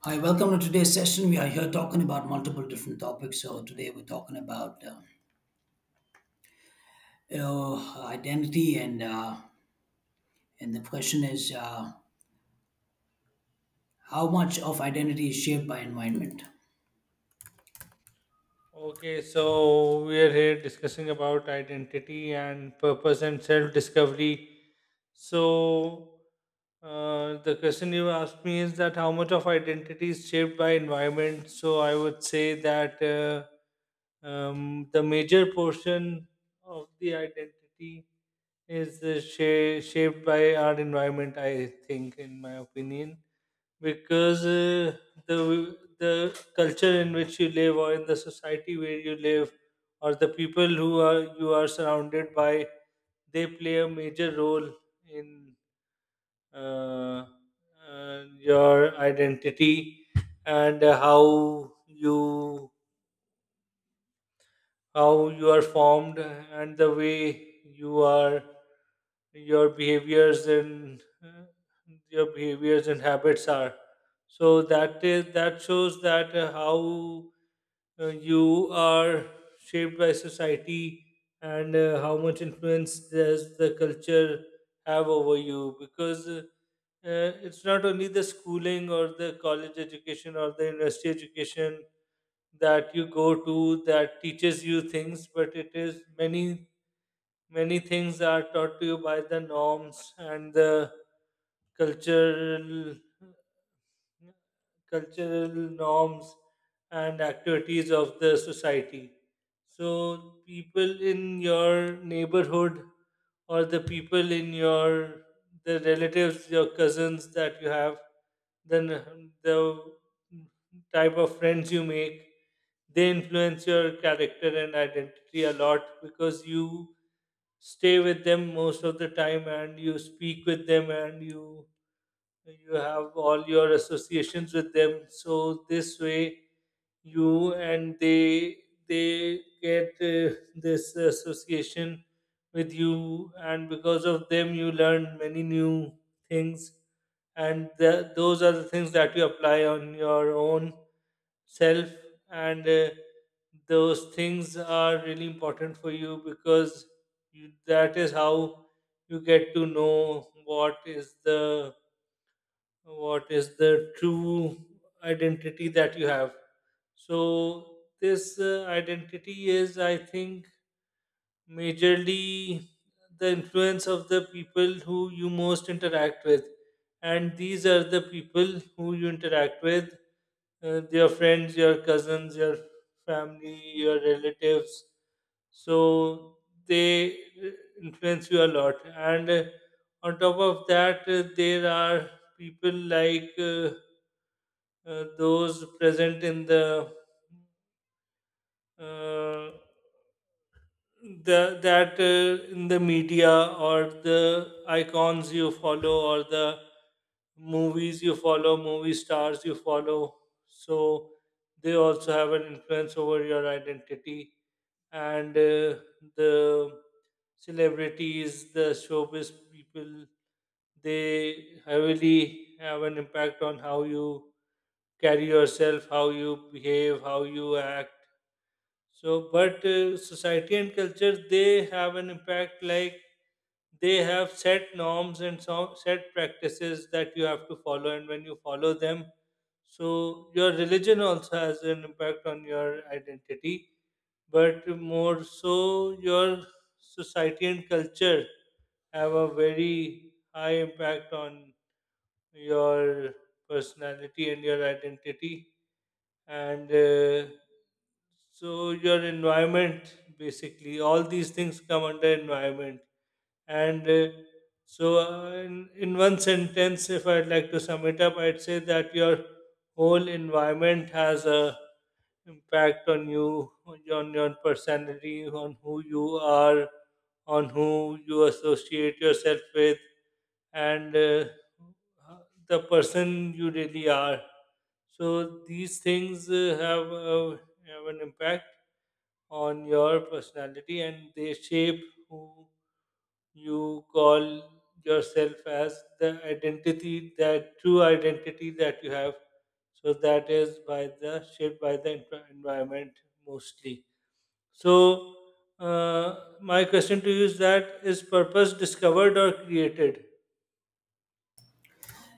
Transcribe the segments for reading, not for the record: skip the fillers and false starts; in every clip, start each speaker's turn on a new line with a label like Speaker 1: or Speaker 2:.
Speaker 1: Hi, welcome to today's session. We are here talking about multiple different topics. So today we're talking about identity and the question is how much of identity is shaped by environment.
Speaker 2: Okay, so we are here discussing about identity and purpose and self discovery. So, the question you asked me is that how much of identity is shaped by environment? So, I would say that the major portion of the identity is shaped by our environment, I think, in my opinion because the culture in which you live or in the society where you live or the people who are you are surrounded by they play a major role in uh, your identity and how you are formed and the way you are your behaviors and uh, your behaviors and habits are so that is that shows that how you are shaped by society and how much influence does the culture have over you because it's not only the schooling or the college education or the university education that you go to that teaches you things, but it is many many things are taught to you by the norms and the cultural cultural norms and activities of the society. So people in your neighborhood or the people in your the relatives, your cousins that you have then the type of friends you make they influence your character and identity a lot because you stay with them most of the time and you speak with them and you have all your associations with them, so this way you and they get this association with you, and because of them you learn many new things, and those are the things that you apply on your own self. And those things are really important for you because you, that is how you get to know what is the true identity that you have. So this identity is, I think, majorly the influence of the people who you most interact with, and these are the people who you interact with, your friends, your cousins, your family, your relatives. So they uh, influence you a lot, and on top of that there are people like those present in uh, the that in the media, or the icons you follow, or the movies you follow, movie stars you follow. So they also have an influence over your identity, and the celebrities, the showbiz people, they heavily have an impact on how you carry yourself, how you behave, how you act. So, but society and culture, they have an impact, like they have set norms and so, set practices that you have to follow, and when you follow them, so your religion also has an impact on your identity, but more so, your society and culture have a very high impact on your personality and your identity, and so your environment, basically, all these things come under environment. And in one sentence, if I'd like to sum it up, I'd say that your whole environment has a impact on you, on your personality, on who you are, on who you associate yourself with, and the person you really are. So these things have an impact on your personality and they shape who you call yourself as the identity, that true identity that you have. So that is by the shaped by the environment, mostly. So uh, my question to you is, that is purpose discovered or created?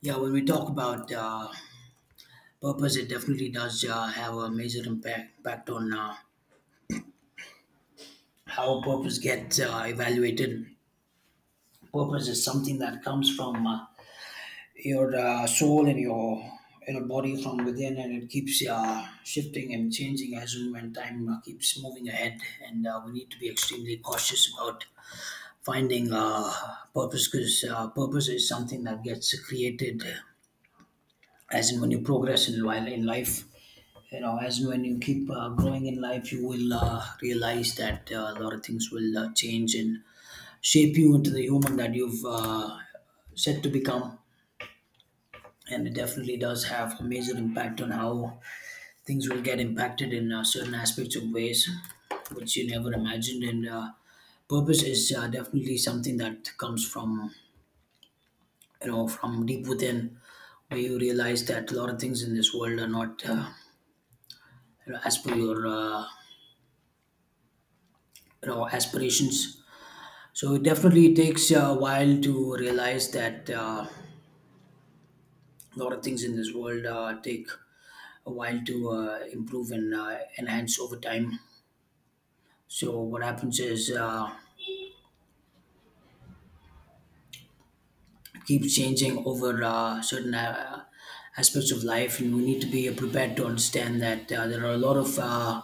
Speaker 1: Yeah, when we talk about purpose, it definitely does have a major impact on how purpose gets evaluated. Purpose is something that comes from your soul and your body from within, and it keeps shifting and changing as and when time keeps moving ahead, and we need to be extremely cautious about finding purpose, because purpose is something that gets created as and when you progress in life. You know, as and when you keep growing in life, you will realize that a lot of things will change and shape you into the human that you've set to become. And it definitely does have a major impact on how things will get impacted in certain aspects of ways which you never imagined. And purpose is definitely something that comes from, you know, from deep within, where you realize that a lot of things in this world are not as per your aspirations. So it definitely takes a while to realize that a lot of things in this world take a while to improve and enhance over time. So what happens is, it keeps changing over certain aspects of life, and we need to be prepared to understand that there are a lot of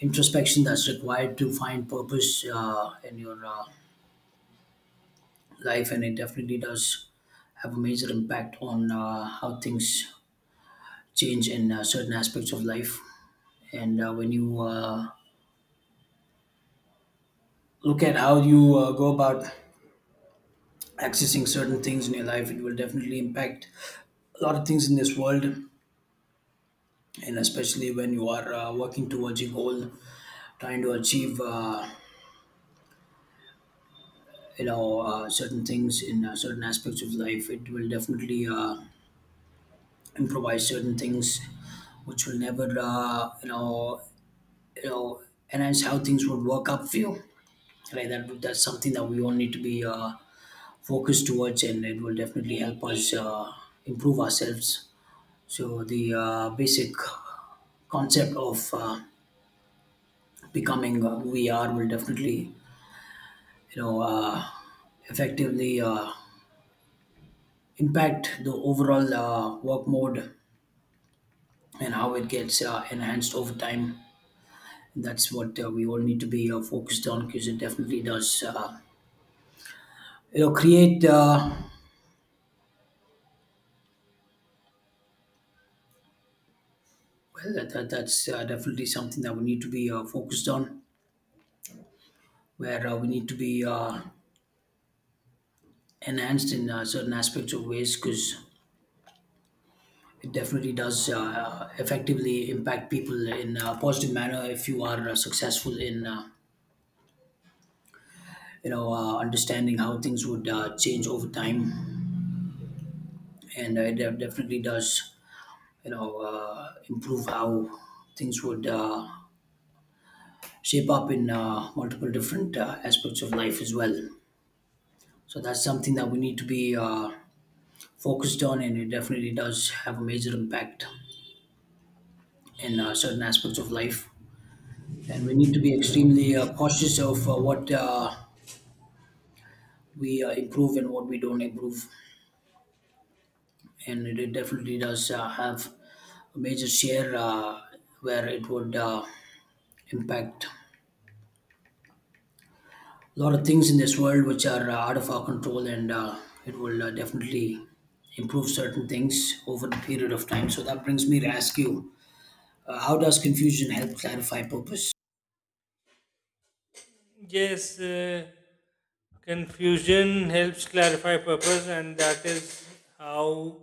Speaker 1: introspection that's required to find purpose in your life, and it definitely does have a major impact on how things change in certain aspects of life. And when you look at how you go about accessing certain things in your life, it will definitely impact a lot of things in this world, and especially when you are working towards a goal, trying to achieve certain things in certain aspects of life, it will definitely improvise certain things which will never you know enhance how things would work up for you, right? That's something that we all need to be focused towards, and it will definitely help us improve ourselves. So the basic concept of becoming who we are will definitely, you know uh, effectively impact the overall work mode and how it gets enhanced over time. That's what we all need to be focused on, because it definitely does, create well that's definitely something that we need to be focused on, where we need to be enhanced in certain aspects of ways, because it definitely does effectively impact people in a positive manner if you are successful in understanding how things would change over time. And definitely does, improve how things would shape up in multiple different aspects of life as well. So that's something that we need to be focused on, and it definitely does have a major impact in certain aspects of life, and we need to be extremely cautious of what we improve and what we don't improve. And it definitely does have a major share where it would impact a lot of things in this world which are out of our control, and it will definitely improve certain things over the period of time. So that brings me to ask you, how does confusion help clarify purpose?
Speaker 2: Yes, confusion helps clarify purpose, and that is how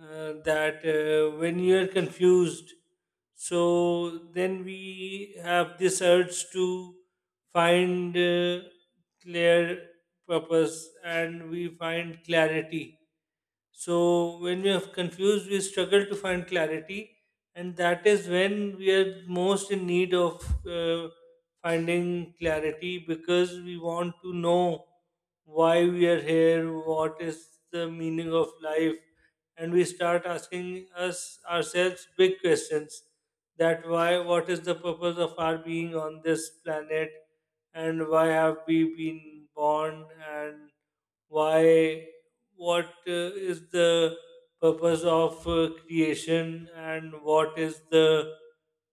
Speaker 2: that when you are confused, so then we have this urge to find clear purpose and we find clarity. So when we are confused, we struggle to find clarity, and that is when we are most in need of finding clarity because we want to know why we are here, what is the meaning of life, and we start asking us ourselves big questions. That why, what is the purpose of our being on this planet, and why have we been born, and why what is the purpose of creation and what is the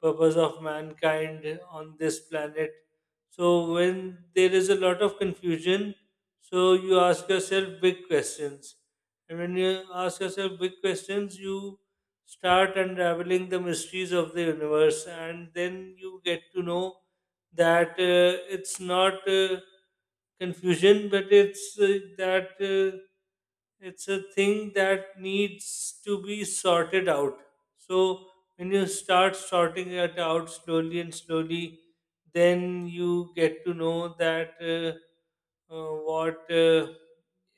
Speaker 2: purpose of mankind on this planet. So, when there is a lot of confusion, so you ask yourself big questions. And when you ask yourself big questions, you start unraveling the mysteries of the universe, and then you get to know that it's not confusion, but it's that it's a thing that needs to be sorted out. So when you start sorting it out slowly and slowly, then you get to know that what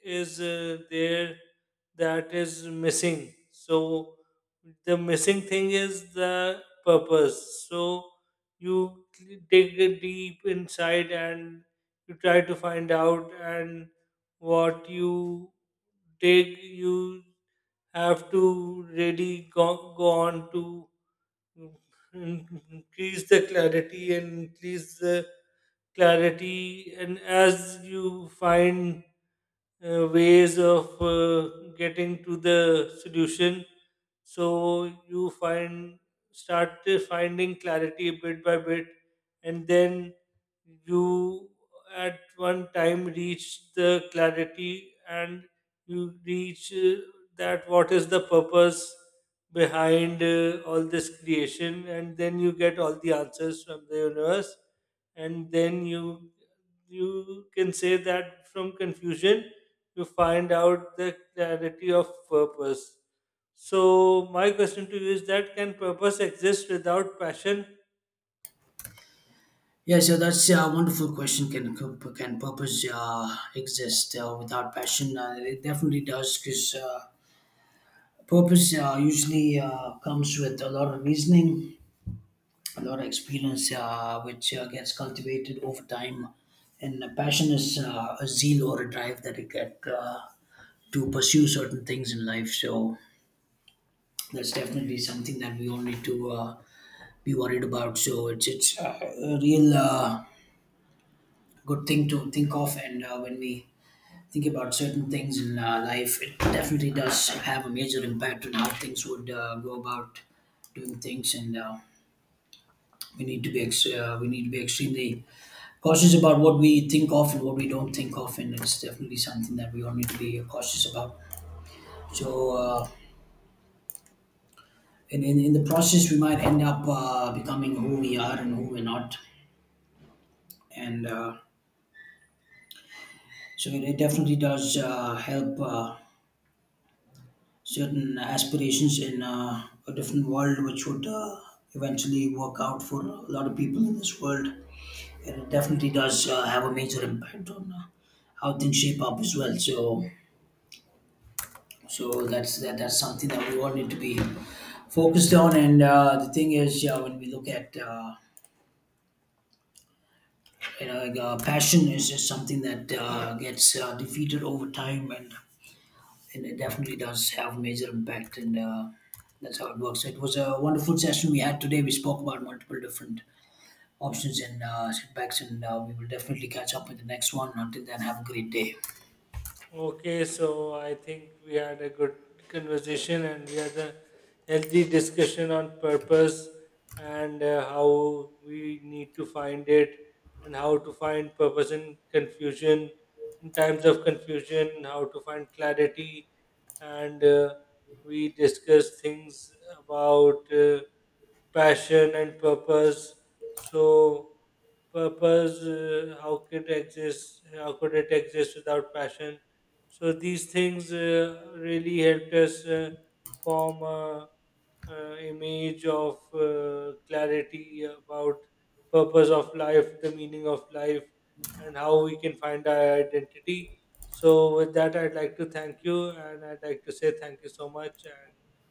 Speaker 2: is there that is missing. So the missing thing is the purpose. So you dig deep inside and you try to find out, and what you dig you have to really go, go on to increase the clarity and increase the clarity, and as you find ways of getting to the solution, so you find start finding clarity bit by bit, and then you at one time reach the clarity, and you reach that what is the purpose behind all this creation, and then you get all the answers from the universe, and then you can say that from confusion you find out the clarity of purpose. So my question to you is, that can purpose exist without passion?
Speaker 1: Yeah, so that's a wonderful question. Can purpose exist without passion? It definitely does, because purpose usually comes with a lot of reasoning, a lot of experience which gets cultivated over time. And a passion is a zeal or a drive that you get to pursue certain things in life. So that's definitely something that we all need to be worried about. So it's a real good thing to think of, and when we think about certain things in life, it definitely does have a major impact on how things would go about doing things. And we need to be extremely cautious about what we think of and what we don't think of, and it's definitely something that we all need to be cautious about. So, in the process, we might end up becoming who we are and who we're not, and so it definitely does help certain aspirations in a different world, which would eventually work out for a lot of people in this world, and it definitely does have a major impact on how things shape up as well. So that's something that we all need to be focused on. And the thing is, yeah, when we look at passion is just something that gets defeated over time, and it definitely does have major impact. And that's how it works. So it was a wonderful session we had today. We spoke about multiple different options and setbacks, and we will definitely catch up with the next one. Until then, have a great day.
Speaker 2: Okay, so I think we had a good conversation and we had a healthy discussion on purpose and how we need to find it and how to find purpose in confusion, in times of confusion, how to find clarity. And we discussed things about passion and purpose. So, purpose, how could exist? How could it exist without passion? So these things really helped us form a image of clarity about purpose of life, the meaning of life, and how we can find our identity. So with that, I'd like to thank you, and I'd like to say thank you so much, and